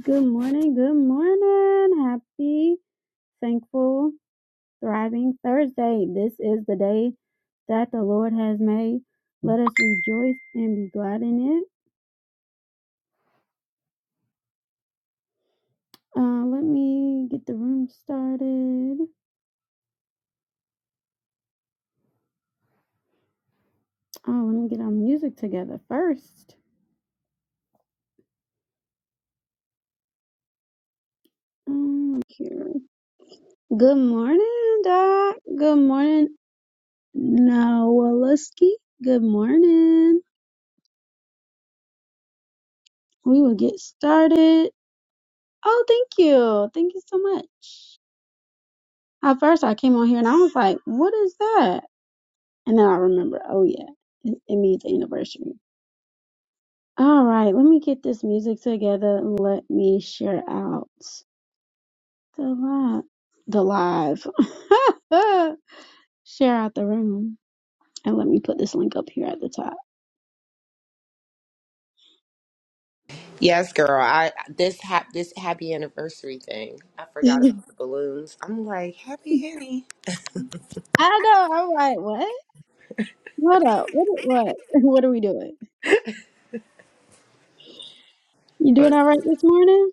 Good morning, good morning. Happy, thankful, thriving Thursday. This is the day that the Lord has made. Let us rejoice and be glad in it. Uh, let me get the room started. Oh, let me get our music together first. Um, here. Good morning, Doc. Good morning, Nowaluski. Good morning. We will get started. Oh, thank you. Thank you so much. At first, I came on here and I was like, "What is that?" And then I remember, oh yeah, it, it means anniversary. All right, let me get this music together and let me share out the live, the live, share out the room, and let me put this link up here at the top. Yes, girl. I this hap this happy anniversary thing. I forgot about the balloons. I'm like happy Annie. I know. I'm like, what? What up? What? What? What are we doing? You doing But, all right this morning?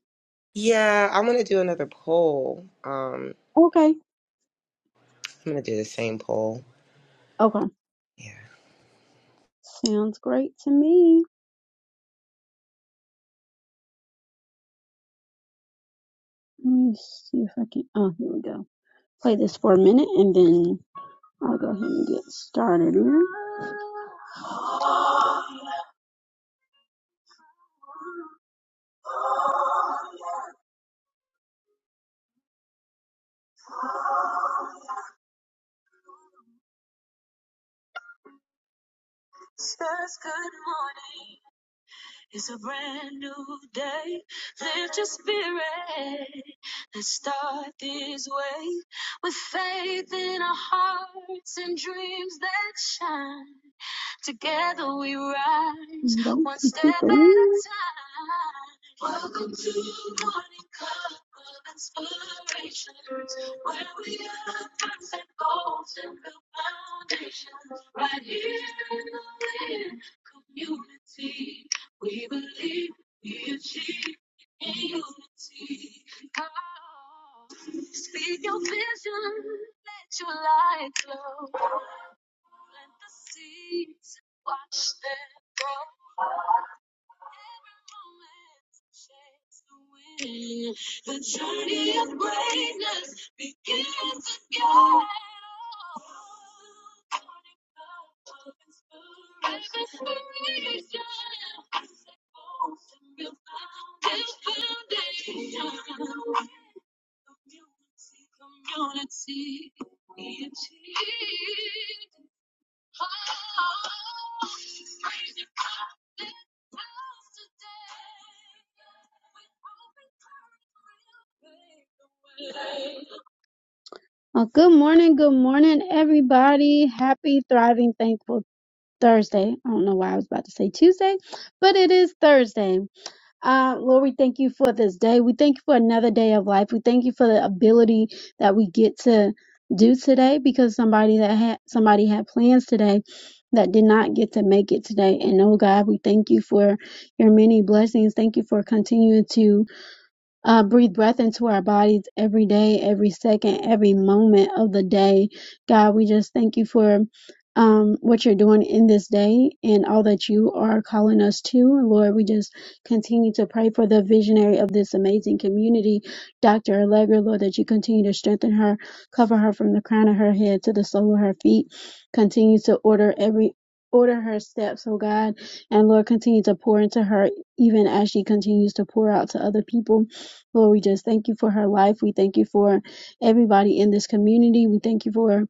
Yeah, I'm gonna do another poll. Um, Okay. I'm gonna do the same poll. Okay. Yeah. Sounds great to me. Let me see if I can. Oh, here we go. play this for a minute and then I'll go ahead and get started. Good Together we rise. One step at a time. Uh, good morning, good morning, everybody. Happy, thriving, thankful Thursday. I don't know why I was about to say Tuesday, but it is Thursday. Uh, Lord, we thank you for this day. We thank you for another day of life. We thank you for the ability that we get to do today because somebody that had somebody had plans today that did not get to make it today. And oh God, we thank you for your many blessings. Thank you for continuing to uh, breathe breath into our bodies every day, every second, every moment of the day. God, we just thank you for um, what you're doing in this day and all that you are calling us to. Lord, we just continue to pray for the visionary of this amazing community, Dr. Allegra, Lord, that you continue to strengthen her, cover her from the crown of her head to the sole of her feet. Continue to order every Order her steps, oh God, and Lord, continue to pour into her even as she continues to pour out to other people. Lord, we just thank you for her life. We thank you for everybody in this community. We thank you for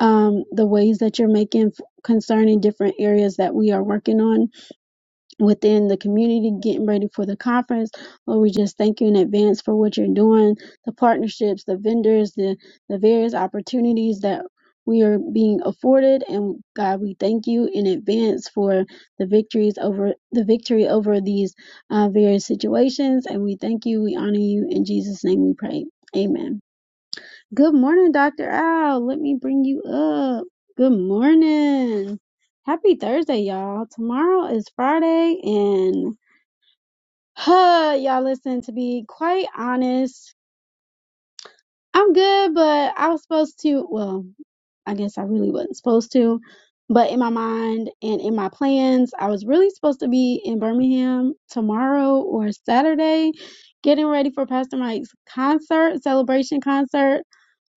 um, the ways that you're making f- concerning different areas that we are working on within the community getting ready for the conference. Lord, we just thank you in advance for what you're doing, the partnerships, the vendors, the, the various opportunities that we are being afforded. And God, we thank you in advance for the victories over the victory over these uh, various situations. And we thank you. We honor you. In Jesus' name we pray. Amen. Good morning, Dr. Al. Let me bring you up. Good morning. Happy Thursday, y'all. Tomorrow is Friday, and huh, y'all listen, to be quite honest, I'm good, but I was supposed to. Well, I guess I really wasn't supposed to. But in my mind and in my plans, I was really supposed to be in Birmingham tomorrow or Saturday, getting ready for Pastor Mike's concert, celebration concert.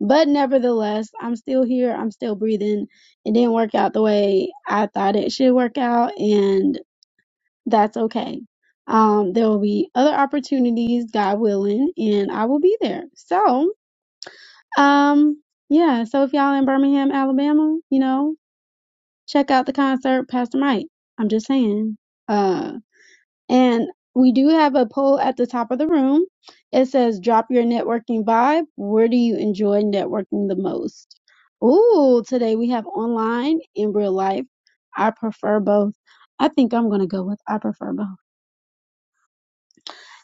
But nevertheless, I'm still here. I'm still breathing. It didn't work out the way I thought it should work out, and that's okay. Um, there will be other opportunities, God willing, and I will be there. So, um, yeah, so if y'all in Birmingham, Alabama, you know, check out the concert, Pastor Mike. I'm just saying. Uh, and we do have a poll at the top of the room. It says, drop your networking vibe. Where do you enjoy networking the most? Ooh, today we have online in real life. I prefer both. I think I'm going to go with I prefer both.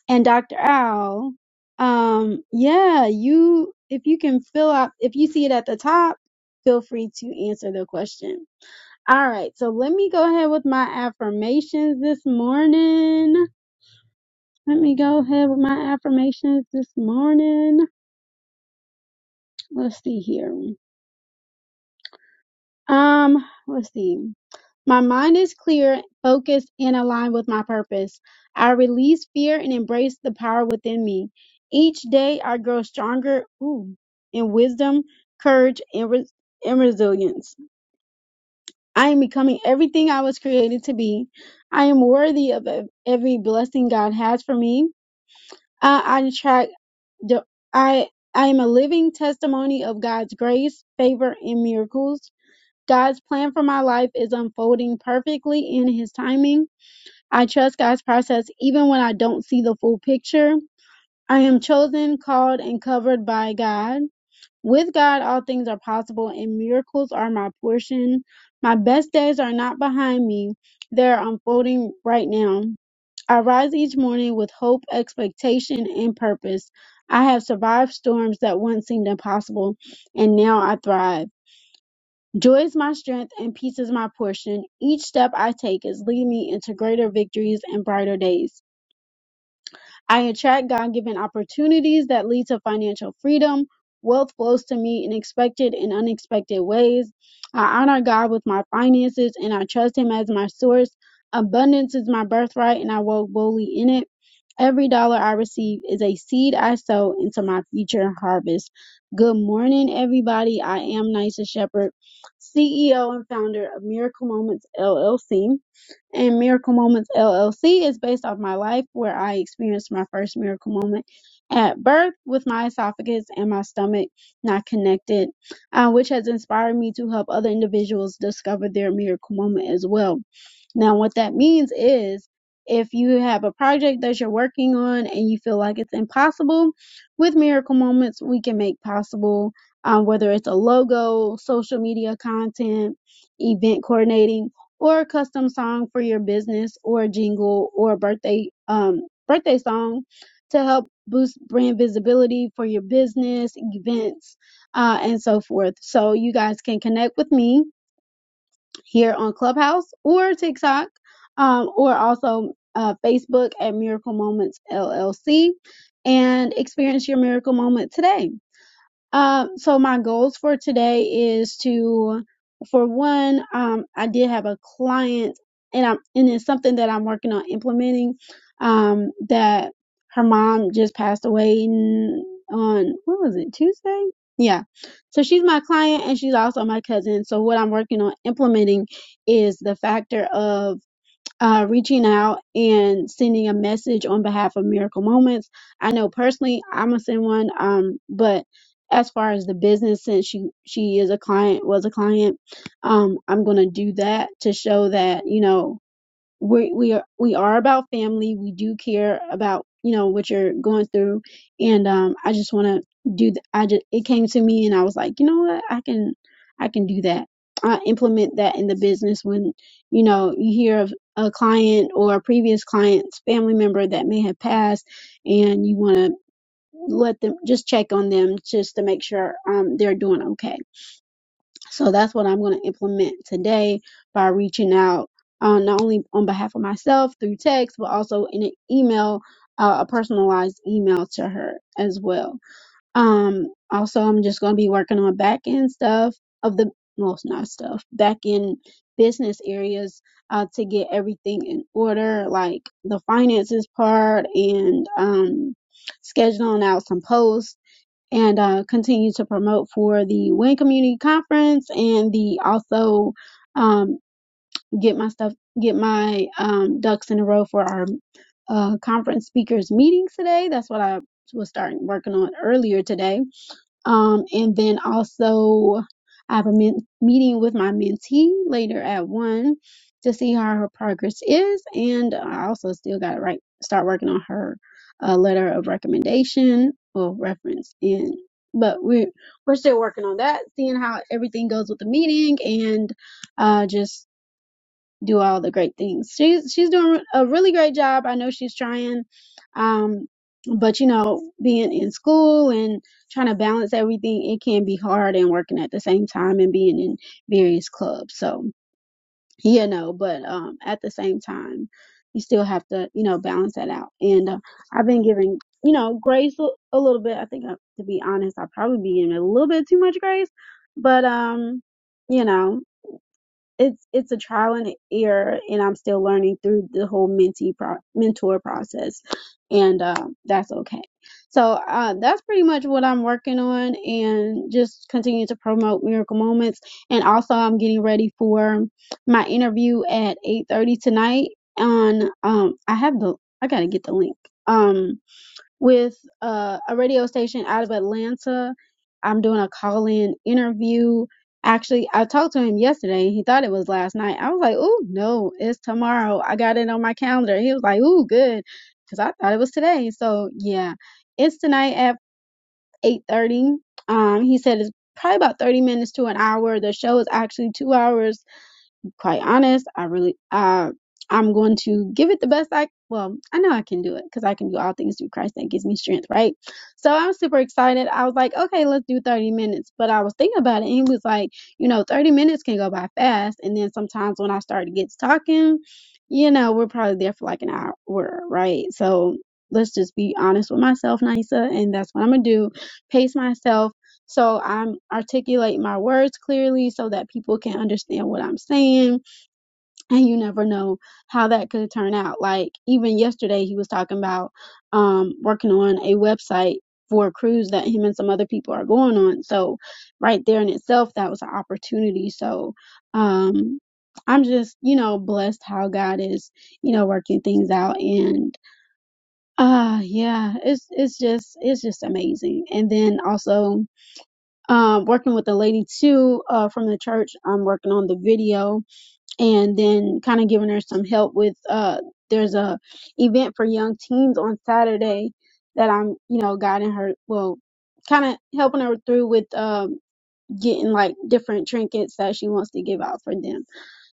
And Dr. Owl, um, yeah, you if you can fill out if you see it at the top, feel free to answer the question. All right, so let me go ahead with my affirmations this morning. Let me go ahead with my affirmations this morning. Let's see here. Um, let's see. My mind is clear, focused, and aligned with my purpose. I release fear and embrace the power within me. Each day I grow stronger ooh, in wisdom, courage, and, res- and resilience. I am becoming everything I was created to be. I am worthy of ev- every blessing God has for me. I, I attract the- I I am a living testimony of God's grace, favor, and miracles. God's plan for my life is unfolding perfectly in His timing. I trust God's process even when I don't see the full picture. I am chosen, called, and covered by God. With God, all things are possible, and miracles are my portion. My best days are not behind me, they are unfolding right now. I rise each morning with hope, expectation, and purpose. I have survived storms that once seemed impossible, and now I thrive. Joy is my strength and peace is my portion. Each step I take is leading me into greater victories and brighter days. I attract God given opportunities that lead to financial freedom. Wealth flows to me in expected and unexpected ways. I honor God with my finances and I trust Him as my source. Abundance is my birthright and I walk boldly in it. Every dollar I receive is a seed I sow into my future harvest. Good morning, everybody. I am Nisa Shepherd, CEO and founder of Miracle Moments LLC and Miracle Moments LLC is based off my life where I experienced my first miracle moment at birth with my esophagus and my stomach not connected, uh, which has inspired me to help other individuals discover their miracle moment as well. Now, what that means is if you have a project that you're working on and you feel like it's impossible, with Miracle Moments, we can make possible um, whether it's a logo, social media content, event coordinating or a custom song for your business or a jingle or a birthday um birthday song to help boost brand visibility for your business events uh, and so forth so you guys can connect with me here on clubhouse or tiktok um, or also uh, facebook at miracle moments llc and experience your miracle moment today um, so my goals for today is to, for one, um, I did have a client, and I'm and it's something that I'm working on implementing. Um, that her mom just passed away n- on what was it Tuesday? Yeah. So she's my client and she's also my cousin. So what I'm working on implementing is the factor of uh, reaching out and sending a message on behalf of Miracle Moments. I know personally I'm gonna send one, um, but as far as the business, since she she is a client, was a client, um, I'm gonna do that to show that you know we we are we are about family. We do care about you know what you're going through, and um, I just want to do. th- I just it came to me, and I was like, you know what, I can I can do that. I implement that in the business when you know you hear of a client or a previous client's family member that may have passed, and you want to let them just check on them just to make sure um they're doing okay so that's what I'm going to implement today by reaching out, uh, not only on behalf of myself through text, but also in an email, uh, a personalized email to her as well. Um, also, I'm just going to be working on back end stuff of the, well, it's not stuff, back end business areas uh, to get everything in order, like the finances part and um, scheduling out some posts and uh, continue to promote for the Win Community Conference and the also um, get my stuff, get my um, ducks in a row for our uh, conference speakers meetings today. That's what I was starting working on earlier today um, and then also, I have a men- meeting with my mentee later at one to see how her progress is, and I also still got to write, start working on her uh, letter of recommendation or reference. And but we're we're still working on that, seeing how everything goes with the meeting, and uh, just do all the great things. She's she's doing a really great job. I know she's trying, um, but you know, being in school and trying to balance everything, it can be hard and working at the same time and being in various clubs. So yeah, no, but um, at the same time, you still have to you know balance that out. And uh, I've been giving you know grace a, a little bit. I think uh to be honest, I've probably be giving a little bit too much grace, but um, you know it's it's a trial and error and i'm still learning through the whole mentee pro- mentor process and um, that's okay so uh, that's pretty much what i'm working on and just continue to promote miracle moments and also i'm getting ready for my interview at 8.30 tonight on um i have the i gotta get the link um with uh, a radio station out of Atlanta. I'm doing a call in interview. Actually, I talked to him yesterday. He thought it was last night. I was like, oh, no, it's tomorrow. I got it on my calendar. He was like, oh, good. Because I thought it was today. So, yeah, it's tonight at 8.30. Um, he said it's probably about 30 minutes to an hour. The show is actually two hours quite honest, I really, uh, I'm going to give it the best I, well, I know I can do it because I can do all things through Christ that gives me strength, right? So I'm super excited. I was like, okay, let's do 30 minutes. But I was thinking about it and he was like, you know, 30 minutes can go by fast. And then sometimes when I start to get talking, you know, we're probably there for like an hour, right? So let's just be honest with myself, Nisa. And that's what I'm going to do. Pace myself so I'm articulate my words clearly so that people can understand what I'm saying. And you never know how that could turn out. Like even yesterday he was talking about um working on a website for a cruise that him and some other people are going on. So right there in itself that was an opportunity. So um I'm just, you know, blessed how God is, you know, working things out and uh yeah, it's it's just it's just amazing. And then also um, working with a lady too uh, from the church. I'm working on the video and then kind of giving her some help with. Uh, there's a event for young teens on Saturday that I'm, you know, guiding her. Well, kind of helping her through with um, getting like different trinkets that she wants to give out for them.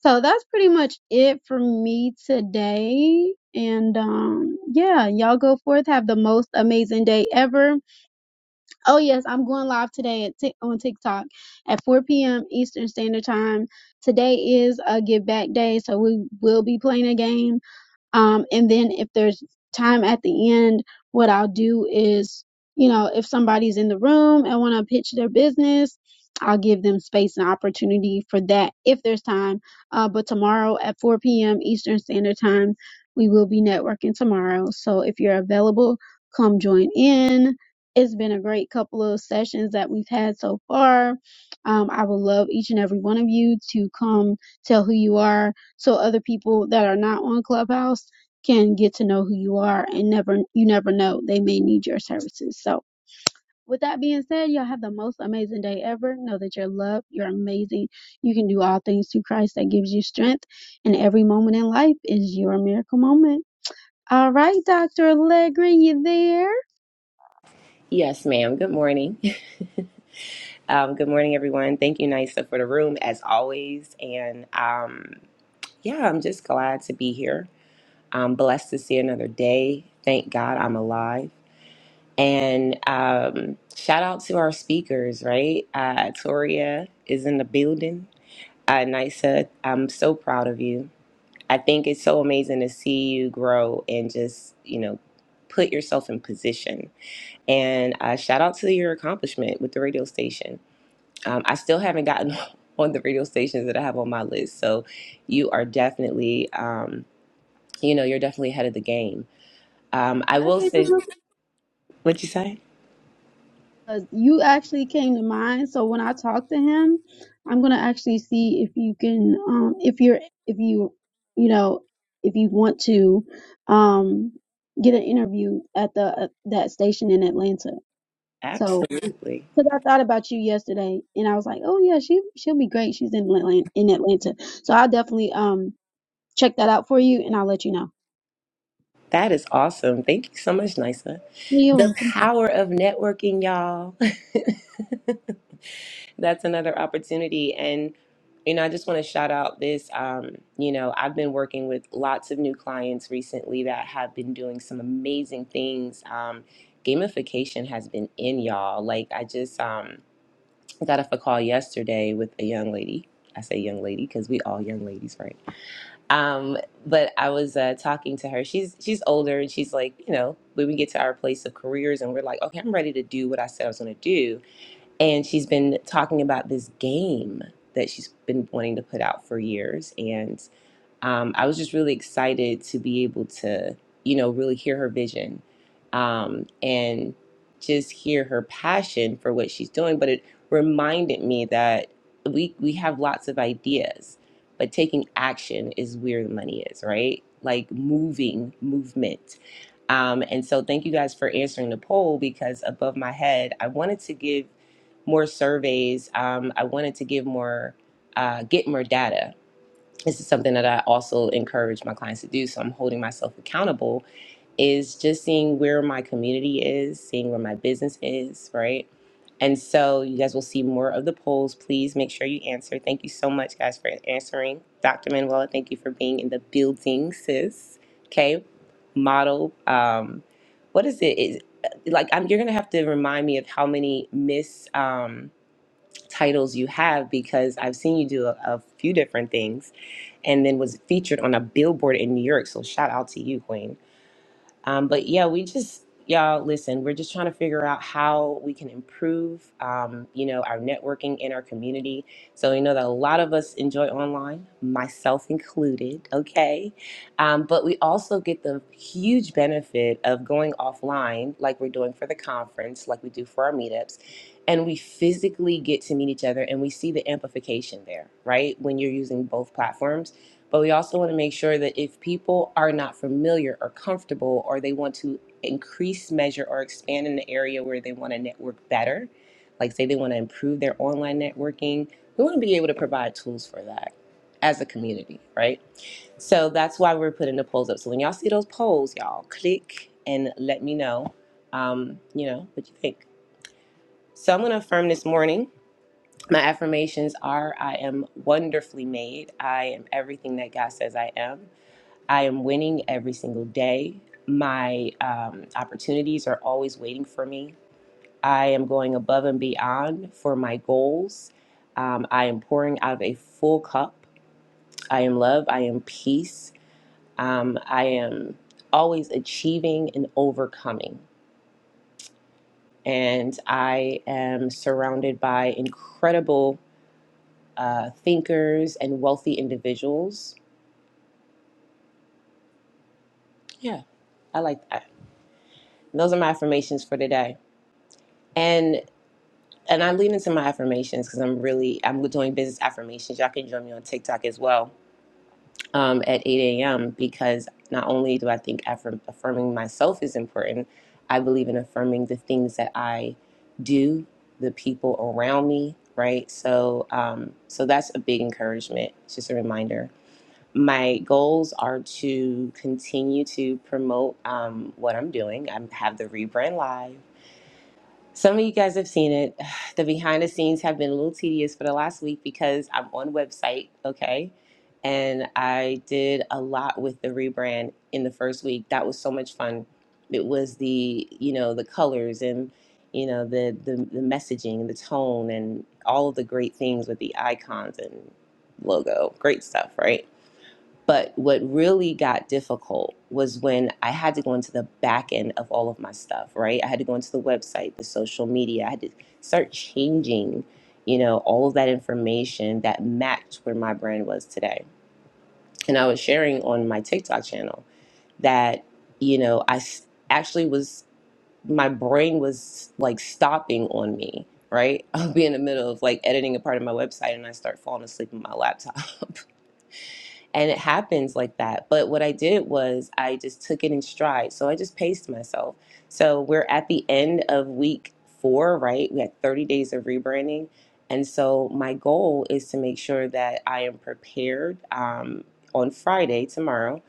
So that's pretty much it for me today. And um, yeah, y'all go forth, have the most amazing day ever Oh yes, I'm going live today at Tik on TikTok at 4 p.m. Eastern Standard Time. Today is a give back day, so we will be playing a game. Um, and then if there's time at the end, what I'll do is, you know, if somebody's in the room and want to pitch their business, I'll give them space and opportunity for that if there's time. Uh, but tomorrow at 4 p.m. Eastern Standard Time, we will be networking tomorrow. So if you're available, come join in. It's been a great couple of sessions that we've had so far. Um, I would love each and every one of you to come tell who you are, so other people that are not on Clubhouse can get to know who you are and never you never know they may need your services. So with that being said, y'all have the most amazing day ever. Know that you're loved, you're amazing. You can do all things through Christ that gives you strength, and every moment in life is your miracle moment. All right, Dr. Allegra, you there? Yes, ma'am. Good morning. Um, good morning, everyone. Thank you, Nisa, for the room as always. And um, yeah, I'm just glad to be here. I'm blessed to see another day. Thank God I'm alive. And um, shout out to our speakers, right? Uh, Toria is in the building. Uh, Nisa, I'm so proud of you. I think it's so amazing to see you grow and just, you know, put yourself in position. And uh, shout out to your accomplishment with the radio station. Um, I still haven't gotten on the radio stations that I have on my list. So you are definitely, um, you know, you're definitely ahead of the game. Um, I Did I will say say, something? what you say? 'Cause you actually came to mind. So when I talk to him, I'm gonna actually see if you can, um, if you're, if you, you know, if you want to, um, get an interview at the at that station in Atlanta. So, Absolutely. cause I thought about you yesterday, and I was like, oh yeah, she she'll be great. She's in Atlanta, in Atlanta. So I'll definitely um check that out for you, and I'll let you know. That is awesome. Thank you so much, Nisa. The You power of networking, y'all. That's another opportunity. And, you know, I just want to shout out this. Um, you know, I've been working with lots of new clients recently that have been doing some amazing things. Um, gamification has been in, y'all. Like, I just um, got off a call yesterday with a young lady. I say young lady because we all young ladies, right? Um, but I was uh, talking to her. She's she's older, and she's like, you know, when we get to our place of careers, and we're like, okay, I'm ready to do what I said I was going to do. And she's been talking about this game that she's been wanting to put out for years, and um, I was just really excited to be able to, you know, really hear her vision um, and just hear her passion for what she's doing. But it reminded me that we we have lots of ideas, but taking action is where the money is, right? Like moving, movement. Um, and so, thank you guys for answering the poll because above my head, I wanted to give more surveys. Um, I wanted to give more, uh, get more data this is something that I also encourage my clients to do. So I'm holding myself accountable is just seeing where my community is, seeing where my business is, right? And so you guys will see more of the polls. Please make sure you answer. Thank you so much, guys, for answering. Dr. Manuela, thank you for being in the building, sis. Okay, model. Um, what is it? Is like I'm, you're gonna have to remind me of how many miss um, titles you have because I've seen you do a, a few different things and then was featured on a billboard in New York. So shout out to you, Queen. Um, but yeah, we just y'all listen. We're just trying to figure out how we can improve, um, you know, our networking in our community. So we know that a lot of us enjoy online, myself included. Okay, um, but we also get the huge benefit of going offline, like we're doing for the conference, like we do for our meetups and we physically get to meet each other and we see the amplification there, right? When you're using both platforms but we also want to make sure that if people are not familiar or comfortable or they want to increase measure or expand in the area where they want to network better like say they want to improve their online networking we want to be able to provide tools for that as a community right so that's why we're putting the polls up so when y'all see those polls y'all click and let me know um, you know what you think so i'm going to affirm this morning my affirmations are i am wonderfully made i am everything that god says i am I am winning every single day. My um, opportunities are always waiting for me. I am going above and beyond for my goals. Um, I am pouring out of a full cup. I am love. I am peace. Um, I am always achieving and overcoming. And I am surrounded by incredible uh, thinkers and wealthy individuals. Yeah, I like that. Those are my affirmations for today. And. and I lean into my affirmations because I'm really I'm doing business affirmations. Y'all can join me on TikTok as well um, at 8 a.m. because not only do I think affirm, affirming myself is important, I believe in affirming the things that I do, the people around me, right? So um, so that's a big encouragement. It's just a reminder. My goals are to continue to promote um, what I'm doing. I have the rebrand live. Some of you guys have seen it. The behind the scenes have been a little tedious for the last week because I'm on website, okay? And I did a lot with the rebrand in the first week. That was so much fun. It was the, you know, the colors and, you know, the the, the messaging, the tone and all of the great things with the icons and logo. Great stuff, right? But what really got difficult was when I had to go into the back end of all of my stuff, right? I had to go into the website, the social media. I had to start changing, you know, all of that information that matched where my brand was today. And I was sharing on my TikTok channel that, you know, I s- actually was, my brain was like stopping on me, right? I'll be in the middle of like editing a part of my website and I start falling asleep on my laptop. And it happens like that. But what I did was I just took it in stride. So I just paced myself. So we're at the end of week four, right? We had 30 days of rebranding. And so my goal is to make sure that I am prepared um, on Friday, tomorrow,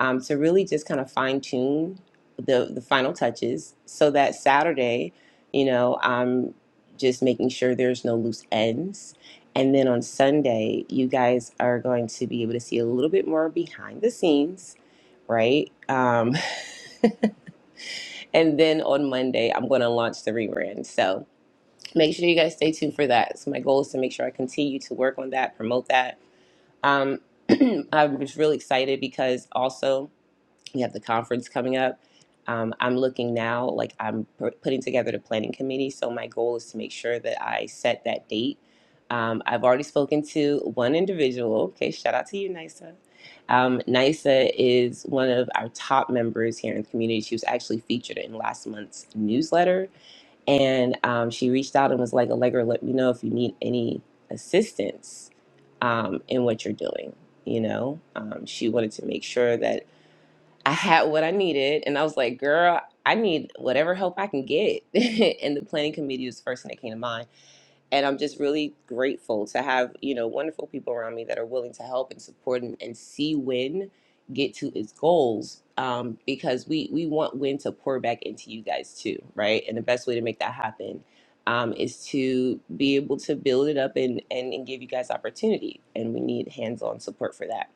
um, to really just kind of fine tune the, the final touches so that Saturday, you know, I'm just making sure there's no loose ends and then on Sunday, you guys are going to be able to see a little bit more behind the scenes, right? Um, and then on Monday, I'm going to launch the rerun. So make sure you guys stay tuned for that. So my goal is to make sure I continue to work on that, promote that. Um, I just really excited because also we have the conference coming up. Um, I'm looking now, like I'm p- putting together the planning committee. So my goal is to make sure that I set that date. Um, I've already spoken to one individual. Okay, shout out to you, NISA. Um, NISA is one of our top members here in the community. She was actually featured in last month's newsletter. And um, she reached out and was like, Allegra, let me know if you need any assistance um, in what you're doing. You know, um, she wanted to make sure that I had what I needed, and I was like, girl, I need whatever help I can get. and the planning committee was the first thing that came to mind. And I'm just really grateful to have, you know, wonderful people around me that are willing to help and support and, and see Win get to its goals. Um, because we we want Win to pour back into you guys too, right? And the best way to make that happen um, is to be able to build it up and, and and give you guys opportunity. And we need hands-on support for that.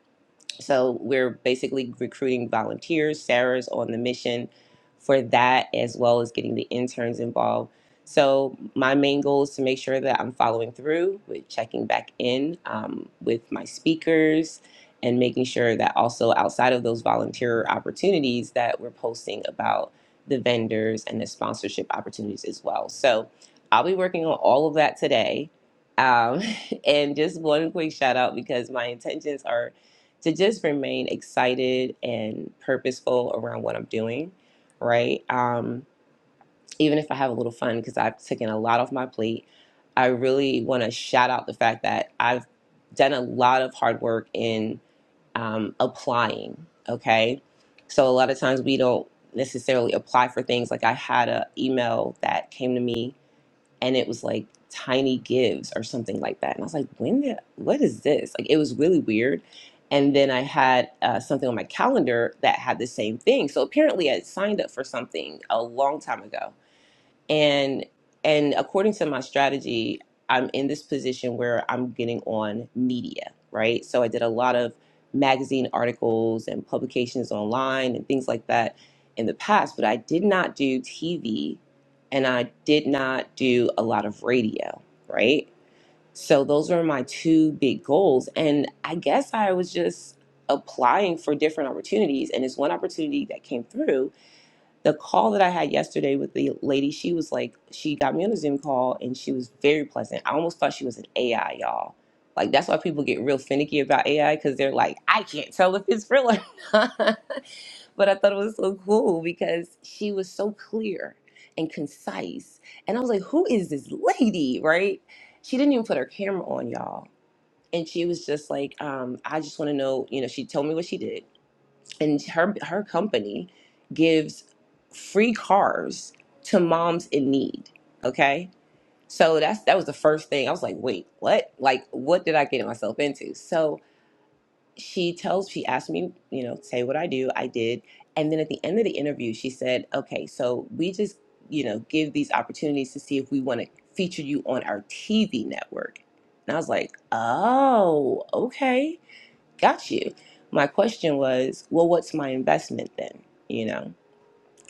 So we're basically recruiting volunteers. Sarah's on the mission for that, as well as getting the interns involved. So my main goal is to make sure that I'm following through with checking back in um, with my speakers and making sure that also outside of those volunteer opportunities that we're posting about the vendors and the sponsorship opportunities as well. So I'll be working on all of that today. Um, and just one quick shout out because my intentions are to just remain excited and purposeful around what I'm doing, right? Um, even if I have a little fun, because I've taken a lot off my plate, I really want to shout out the fact that I've done a lot of hard work in um, applying, okay? So a lot of times we don't necessarily apply for things. Like I had an email that came to me and it was like tiny gives or something like that and i was like when did what is this like it was really weird and then i had uh, something on my calendar that had the same thing so apparently i had signed up for something a long time ago and and according to my strategy i'm in this position where i'm getting on media right so i did a lot of magazine articles and publications online and things like that in the past but i did not do tv and i did not do a lot of radio right so those were my two big goals and i guess i was just applying for different opportunities and it's one opportunity that came through the call that I had yesterday with the lady, she was like, she got me on a Zoom call and she was very pleasant. I almost thought she was an AI, y'all. Like, that's why people get real finicky about AI because they're like, I can't tell if it's real or not. but I thought it was so cool because she was so clear and concise. And I was like, who is this lady, right? She didn't even put her camera on, y'all. And she was just like, um, I just want to know, you know, she told me what she did and her her company gives free cars to moms in need. Okay, so that's that was the first thing I was like, wait, what? Like, what did I get myself into? So she tells, she asked me, you know, say what I do. I did, and then at the end of the interview, she said, okay, so we just, you know, give these opportunities to see if we want to feature you on our TV network. And I was like, oh, okay Got you. My question was, well, what's my investment then? You know?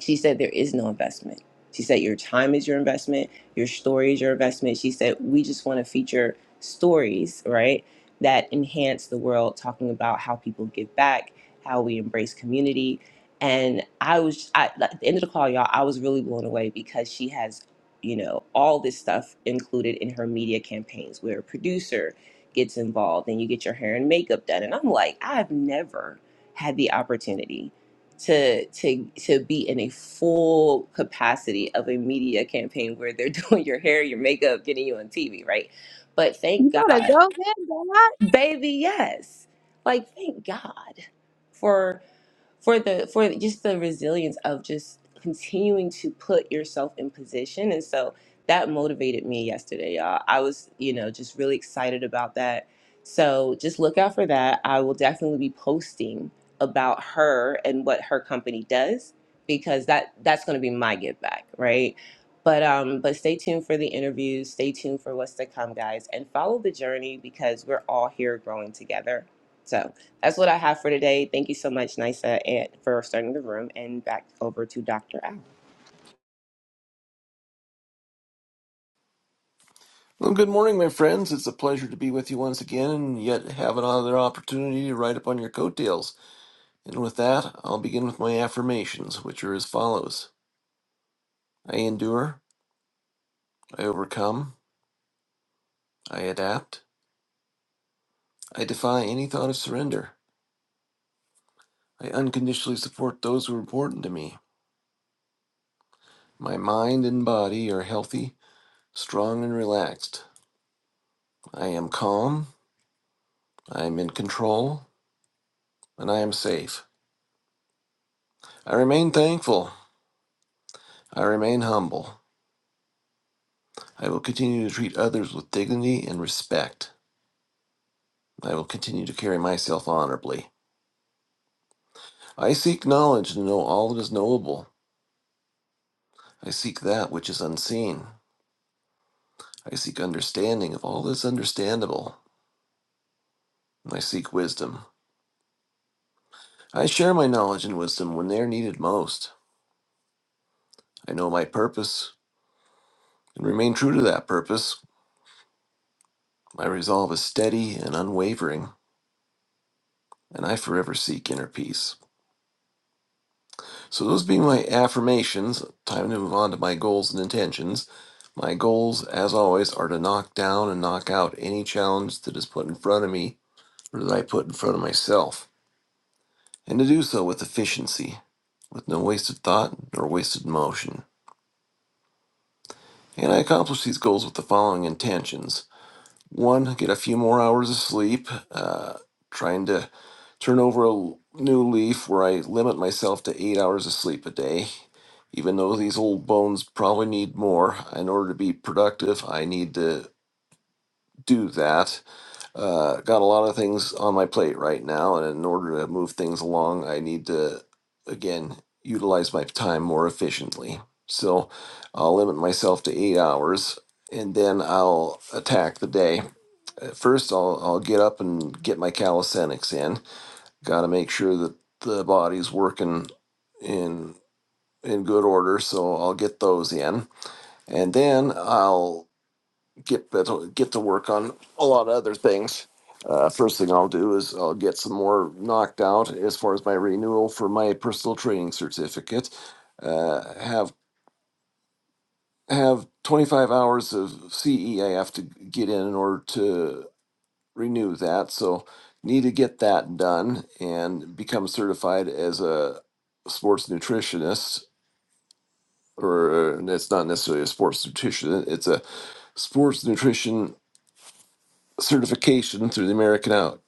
She said, There is no investment. She said, Your time is your investment, your story is your investment. She said, We just want to feature stories, right, that enhance the world, talking about how people give back, how we embrace community. And I was, I, at the end of the call, y'all, I was really blown away because she has, you know, all this stuff included in her media campaigns where a producer gets involved and you get your hair and makeup done. And I'm like, I've never had the opportunity to to to be in a full capacity of a media campaign where they're doing your hair, your makeup, getting you on TV, right? But you thank better go, God, man. baby, yes. Like thank God for for the for just the resilience of just continuing to put yourself in position and so that motivated me yesterday y'all i was you know just really excited about that so just look out for that i will definitely be posting about her and what her company does because that that's going to be my give back right but um but stay tuned for the interviews stay tuned for what's to come guys and follow the journey because we're all here growing together so that's what I have for today. Thank you so much, Nisa, and for starting the room. And back over to Dr. Al. Well, good morning, my friends. It's a pleasure to be with you once again and yet have another opportunity to ride upon your coattails. And with that, I'll begin with my affirmations, which are as follows I endure, I overcome, I adapt, I defy any thought of surrender, I unconditionally support those who are important to me. My mind and body are healthy, strong, and relaxed. I am calm, I am in control, and I am safe. I remain thankful, I remain humble. I will continue to treat others with dignity and respect. I will continue to carry myself honorably. I seek knowledge to know all that is knowable. I seek that which is unseen. I seek understanding of all that is understandable. I seek wisdom. I share my knowledge and wisdom when they are needed most. I know my purpose and remain true to that purpose. My resolve is steady and unwavering, and I forever seek inner peace. So those being my affirmations, time to move on to my goals and intentions. My goals, as always, are to knock down and knock out any challenge that is put in front of me or that I put in front of myself, and to do so with efficiency, with no wasted thought nor wasted motion. And I accomplish these goals with the following intentions. One, get a few more hours of sleep, uh, trying to turn over a new leaf where I limit myself to eight hours of sleep a day. Even though these old bones probably need more, in order to be productive, I need to do that. Uh, got a lot of things on my plate right now, and in order to move things along, I need to, again, utilize my time more efficiently. So I'll limit myself to eight hours, and then I'll attack the day. At First, I'll I'll get up and get my calisthenics in. Got to make sure that the body's working in in good order. So I'll get those in, and then I'll get get to work on a lot of other things. Uh, First thing I'll do is I'll get some more knocked out as far as my renewal for my personal training certificate. Uh, Have have 25 hours of CE I have to get in in order to. renew that. So need to get that done and become certified as a sports nutritionist, or it's not necessarily a sports nutrition. It's a sports nutrition certification through the American out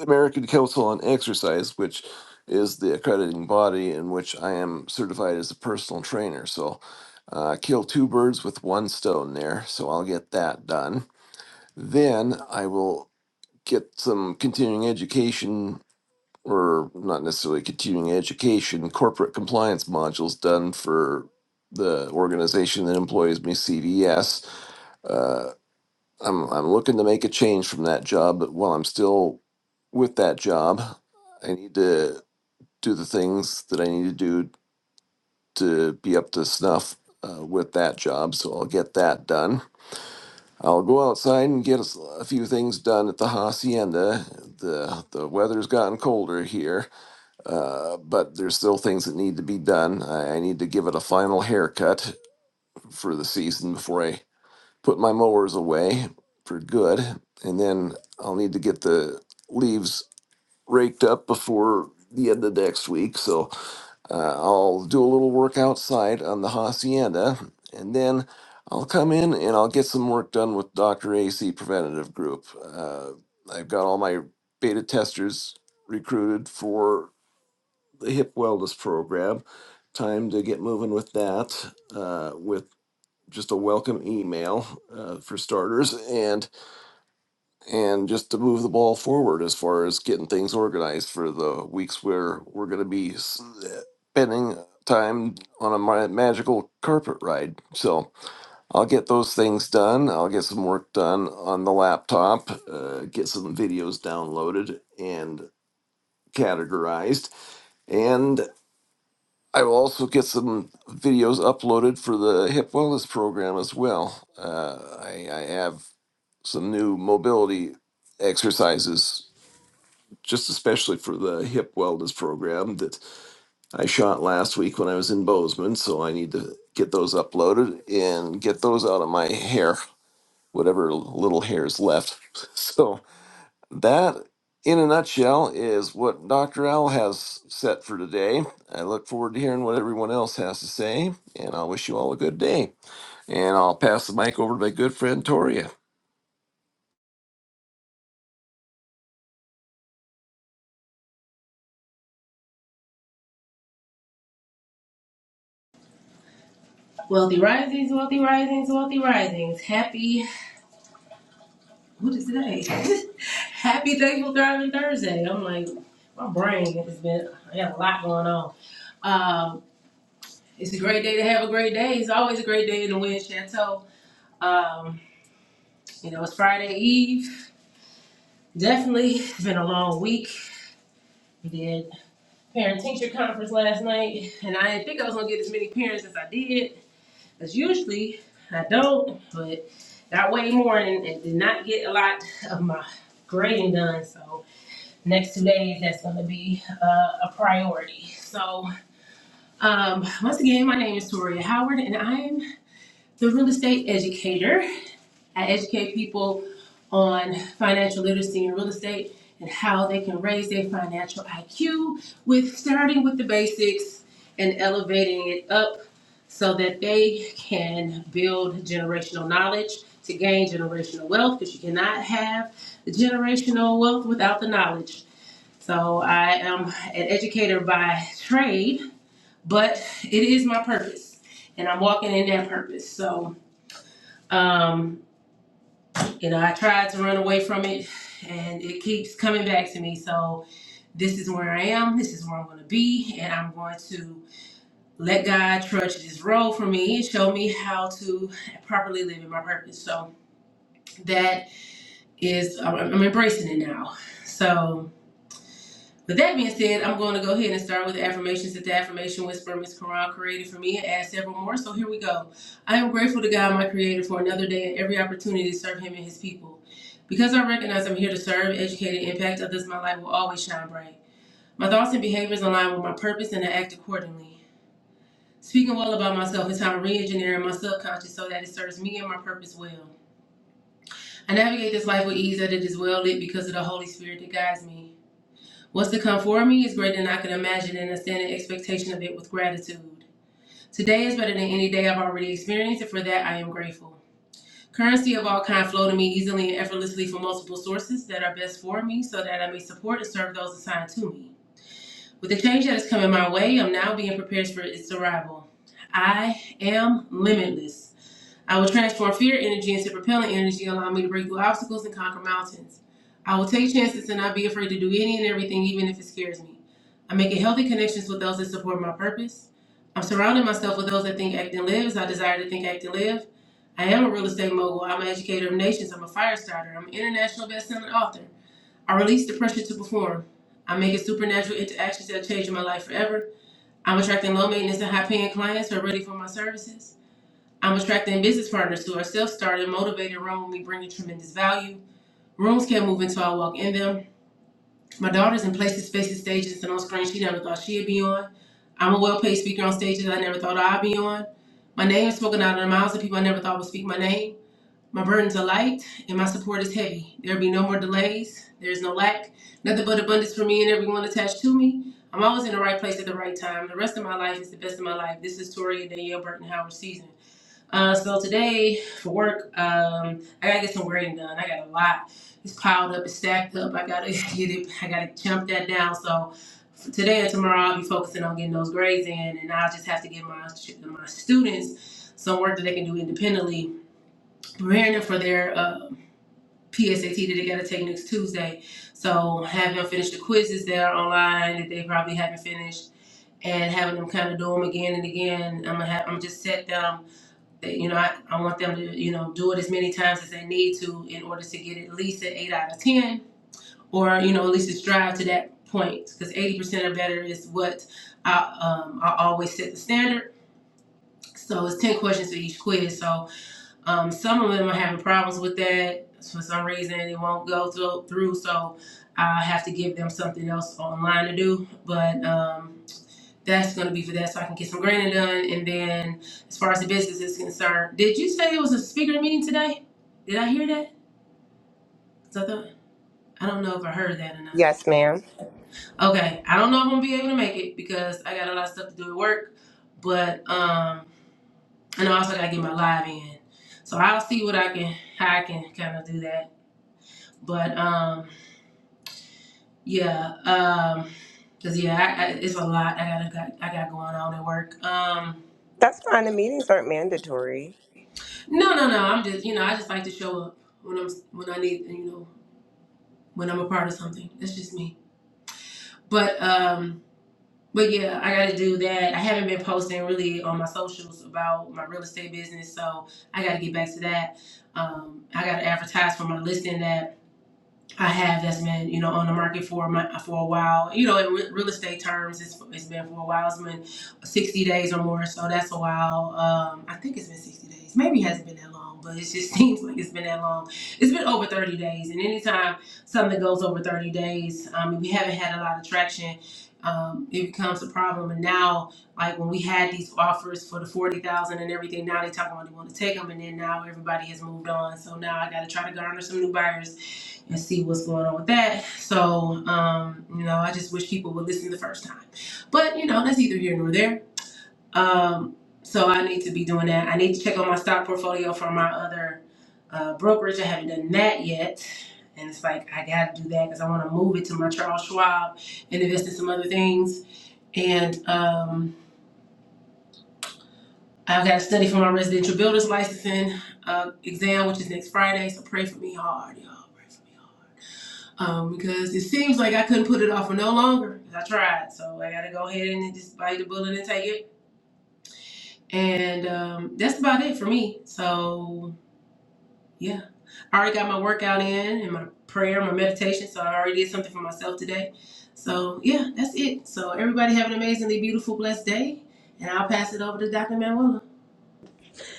American Council on Exercise, which is the accrediting body in which I am certified as a personal trainer. So uh, kill two birds with one stone there. So I'll get that done. Then I will get some continuing education or not necessarily continuing education, corporate compliance modules done for the organization that employs me, CVS. Uh, I'm I'm looking to make a change from that job, but while I'm still with that job, I need to do the things that I need to do to be up to snuff uh, with that job. So I'll get that done. I'll go outside and get a few things done at the hacienda. the The weather's gotten colder here Uh, but there's still things that need to be done. I, I need to give it a final haircut for the season before I put my mowers away for good. And then I'll need to get the leaves raked up before the end of next week. So uh, I'll do a little work outside on the hacienda. And then I'll come in and I'll get some work done with Dr. AC Preventative Group. Uh, I've got all my beta testers recruited for the hip wellness program. Time to get moving with that, uh, with just a welcome email uh, for starters, and and just to move the ball forward as far as getting things organized for the weeks where we're going to be s- spending time on a ma- magical carpet ride. So I'll get those things done. I'll get some work done on the laptop, uh, get some videos downloaded and categorized, and. I will also get some videos uploaded for the hip wellness program as well. Uh, I, I have some new mobility exercises, just especially for the hip wellness program that I shot last week when I was in Bozeman. So I need to get those uploaded and get those out of my hair, whatever little hair is left. So. That, in a nutshell, is what Dr. Al has set for today. I look forward to hearing what everyone else has to say, and I'll wish you all a good day. And I'll pass the mic over to my good friend Toria. Wealthy risings, wealthy risings, wealthy risings. Happy, what is today? Happy Thankful Thriving Thursday. I'm like, my brain has been, I got a lot going on. Um, it's a great day to have a great day. It's always a great day in the Wind Chateau. Um, you know, it's Friday Eve. Definitely, it's been a long week. We did parent teacher conference last night, and I didn't think I was gonna get as many parents as I did. As usually I don't, but got way more and, and did not get a lot of my grading done. So next two days, that's gonna be uh, a priority. So um, once again, my name is Toria Howard, and I'm the real estate educator. I educate people on financial literacy and real estate and how they can raise their financial IQ with starting with the basics and elevating it up so that they can build generational knowledge to gain generational wealth because you cannot have the generational wealth without the knowledge. So I am an educator by trade, but it is my purpose and I'm walking in that purpose. So um, you know, I tried to run away from it and it keeps coming back to me. So this is where I am, this is where I'm gonna be, and I'm going to let God trudge this road for me and show me how to properly live in my purpose. So that is I'm I'm embracing it now. So With that being said, I'm going to go ahead and start with the affirmations that the affirmation Whisperer Miss Quran created for me and add several more. So here we go. I am grateful to God, my Creator, for another day and every opportunity to serve Him and His people. Because I recognize I'm here to serve, educate, and impact others, my light will always shine bright. My thoughts and behaviors align with my purpose, and I act accordingly. Speaking well about myself is how I'm re-engineering my subconscious so that it serves me and my purpose well. I navigate this life with ease that it is well lit because of the Holy Spirit that guides me. What's to come for me is greater than I can imagine, and I stand in expectation of it with gratitude. Today is better than any day I've already experienced, and for that I am grateful. Currency of all kind flow to me easily and effortlessly from multiple sources that are best for me, so that I may support and serve those assigned to me. With the change that is coming my way, I'm now being prepared for its arrival. I am limitless. I will transform fear energy into propelling energy, allowing me to break through obstacles and conquer mountains. I will take chances and not be afraid to do any and everything, even if it scares me. I'm making healthy connections with those that support my purpose. I'm surrounding myself with those that think, act, and live as I desire to think, act, and live. I am a real estate mogul. I'm an educator of nations. I'm a fire starter. I'm an international best-selling author. I release the pressure to perform. I'm making supernatural interactions that are changing my life forever. I'm attracting low maintenance and high paying clients who are ready for my services. I'm attracting business partners who are self-started, motivated, me bringing tremendous value. Rooms can't move until I walk in them. My daughter's in places, spaces, stages, and on screens she never thought she'd be on. I'm a well-paid speaker on stages I never thought I'd be on. My name is spoken out of the mouths of people I never thought would speak my name. My burdens are light, and my support is heavy. There'll be no more delays. There's no lack. Nothing but abundance for me and everyone attached to me. I'm always in the right place at the right time. The rest of my life is the best of my life. This is Tori Danielle Burton Howard season. Uh, so today for work, um, I gotta get some grading done. I got a lot. It's piled up, it's stacked up. I gotta get it. I gotta jump that down. So for today and tomorrow, I'll be focusing on getting those grades in, and I'll just have to give my my students some work that they can do independently, preparing them for their uh, PSAT that they gotta take next Tuesday. So having them finish the quizzes that are online that they probably haven't finished, and having them kind of do them again and again. I'm gonna have, I'm just set them you know, I, I want them to, you know, do it as many times as they need to in order to get at least an eight out of 10, or, you know, at least strive to that point. Because 80% or better is what I, um, I always set the standard. So it's 10 questions for each quiz. So um, some of them are having problems with that for some reason, it won't go thro- through. So I have to give them something else online to do. But, um, that's gonna be for that, so I can get some greening done. And then, as far as the business is concerned, did you say it was a speaker meeting today? Did I hear that? 'Cause I thought I don't know if I heard that or not. Yes, ma'am. Okay, I don't know if I'm gonna be able to make it because I got a lot of stuff to do at work, but um, and I also gotta get my live in. So I'll see what I can, how I can kind of do that. But um, yeah, um, cause yeah, I, I, it's a lot I gotta got, I got going on at work. Um, That's fine. The meetings aren't mandatory. No, no, no. I'm just, you know, I just like to show up when I'm when I need, you know, when I'm a part of something. That's just me. But um, but yeah, I got to do that. I haven't been posting really on my socials about my real estate business, so I got to get back to that. Um, I got to advertise for my listing app I have that's been you know on the market for a for a while. You know, in re- real estate terms, it's, it's been for a while. It's been sixty days or more, so that's a while. Um, I think it's been sixty days. Maybe it hasn't been that long, but it just seems like it's been that long. It's been over thirty days, and anytime something goes over thirty days, um, if we haven't had a lot of traction. Um, it becomes a problem, and now, like when we had these offers for the forty thousand and everything, now they talk about they want to take them, and then now everybody has moved on. So now I got to try to garner some new buyers and see what's going on with that. So, um, you know, I just wish people would listen the first time. But, you know, that's either here nor there. Um, so I need to be doing that. I need to check on my stock portfolio for my other uh, brokerage. I haven't done that yet. And it's like, I got to do that because I want to move it to my Charles Schwab and invest in some other things. And um, I've got to study for my residential builder's licensing uh, exam, which is next Friday. So pray for me hard, y'all. Pray for me hard. um, because it seems like I couldn't put it off for no longer. I tried, so I got to go ahead and just bite the bullet and take it. And um, that's about it for me. So yeah, I already got my workout in and my prayer, my meditation. So I already did something for myself today. So yeah, that's it. So everybody have an amazingly beautiful, blessed day, and I'll pass it over to Dr. Manuela.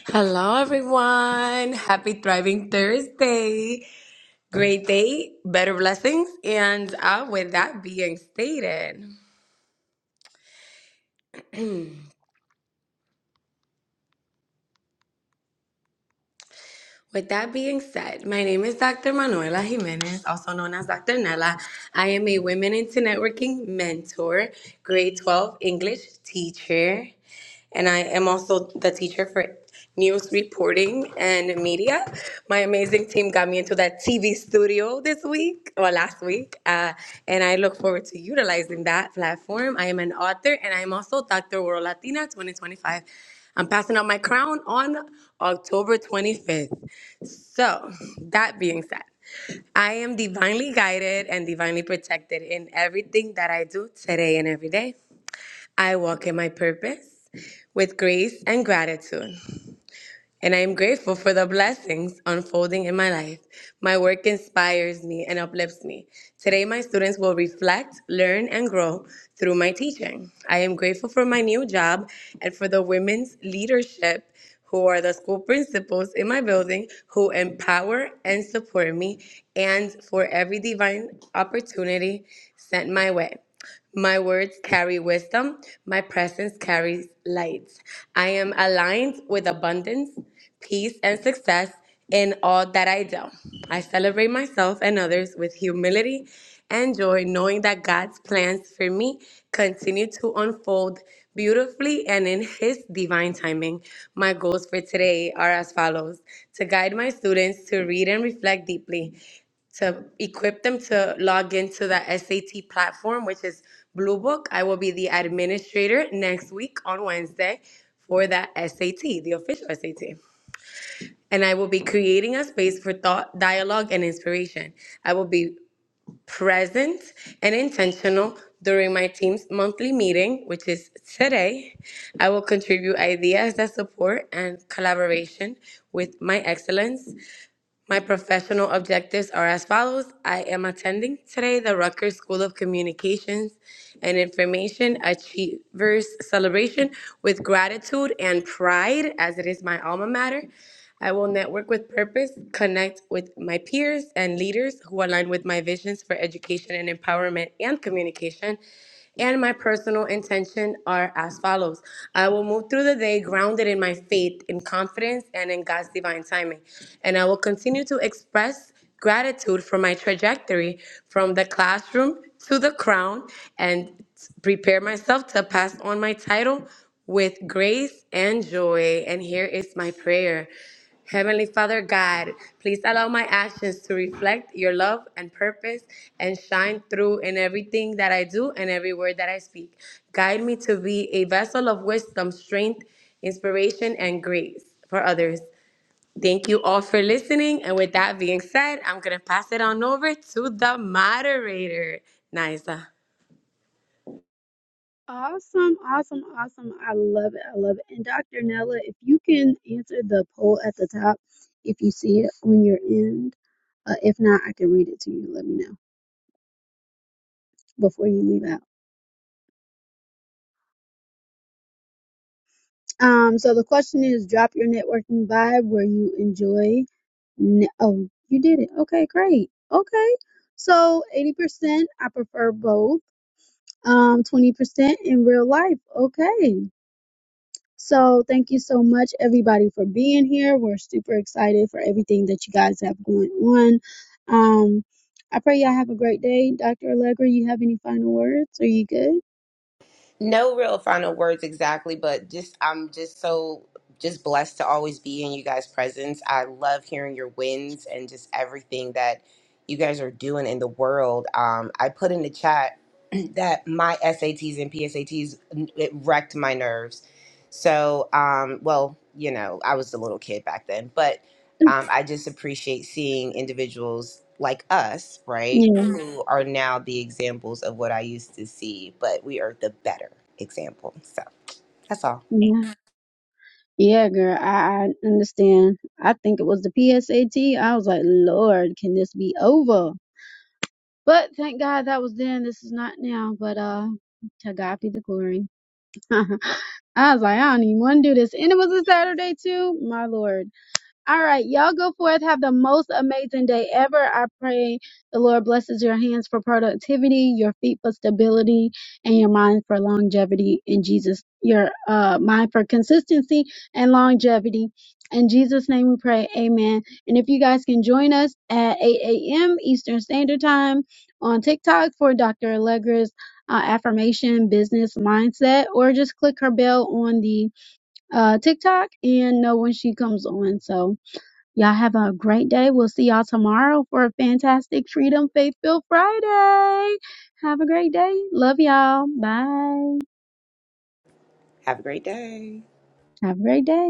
Hello, everyone. Happy Thriving Thursday. Great day, better blessings. And uh, with that being stated, With that being said, my name is Dr. Manuela Jimenez, also known as Dr. Nella. I am a Women into Networking mentor, grade 12 English teacher, and I am also the teacher for news reporting and media. My amazing team got me into that TV studio this week or last week, uh, and I look forward to utilizing that platform. I am an author, and I am also Dr. World Latina 2025. I'm passing out my crown on October 25th. So, that being said, I am divinely guided and divinely protected in everything that I do today and every day. I walk in my purpose with grace and gratitude and I am grateful for the blessings unfolding in my life. My work inspires me and uplifts me. Today, my students will reflect, learn, and grow through my teaching. I am grateful for my new job and for the women's leadership who are the school principals in my building who empower and support me, and for every divine opportunity sent my way. My words carry wisdom. My presence carries light. I am aligned with abundance, peace, and success in all that I do. I celebrate myself and others with humility and joy, knowing that God's plans for me continue to unfold beautifully and in His divine timing. My goals for today are as follows to guide my students to read and reflect deeply, to equip them to log into the SAT platform, which is Blue Book. I will be the administrator next week on Wednesday for that SAT, the official SAT. And I will be creating a space for thought, dialogue, and inspiration. I will be present and intentional during my team's monthly meeting, which is today. I will contribute ideas that support and collaboration with my excellence. My professional objectives are as follows. I am attending today the Rutgers School of Communications and Information Achievers Celebration with gratitude and pride, as it is my alma mater. I will network with purpose, connect with my peers and leaders who align with my visions for education and empowerment and communication and my personal intention are as follows I will move through the day grounded in my faith, in confidence, and in God's divine timing. And I will continue to express gratitude for my trajectory from the classroom to the crown and prepare myself to pass on my title with grace and joy. And here is my prayer. Heavenly Father God, please allow my actions to reflect your love and purpose and shine through in everything that I do and every word that I speak. Guide me to be a vessel of wisdom, strength, inspiration, and grace for others. Thank you all for listening. And with that being said, I'm going to pass it on over to the moderator, Nisa. Awesome, awesome, awesome. I love it. I love it. And Dr. Nella, if you can answer the poll at the top, if you see it on your end. Uh, if not, I can read it to you. Let me know before you leave out. Um, so the question is drop your networking vibe where you enjoy. Ne- oh, you did it. Okay, great. Okay. So 80%, I prefer both. Um, 20% in real life. Okay. So thank you so much, everybody, for being here. We're super excited for everything that you guys have going on. Um, I pray y'all have a great day. Dr. Allegra, you have any final words? Are you good? No real final words exactly, but just I'm just so just blessed to always be in you guys' presence. I love hearing your wins and just everything that you guys are doing in the world. Um, I put in the chat that my SATs and PSATs it wrecked my nerves. So, um, well, you know, I was a little kid back then, but um, I just appreciate seeing individuals like us, right, Yeah. who are now the examples of what I used to see, but we are the better example. So that's all. Yeah. Yeah, girl, I, I understand. I think it was the PSAT. I was like, Lord, can this be over? But thank God that was then. This is not now. But uh to God be the glory. I was like, I don't even want to do this. And it was a Saturday too. My Lord. All right, y'all go forth. Have the most amazing day ever. I pray the Lord blesses your hands for productivity, your feet for stability, and your mind for longevity in Jesus. Your uh, mind for consistency and longevity. In Jesus' name we pray. Amen. And if you guys can join us at 8 a.m. Eastern Standard Time on TikTok for Dr. Allegra's uh, affirmation business mindset, or just click her bell on the uh, TikTok and know when she comes on. So, Y'all have a great day. We'll see y'all tomorrow for a fantastic Freedom Faith Filled Friday. Have a great day. Love y'all. Bye. Have a great day. Have a great day.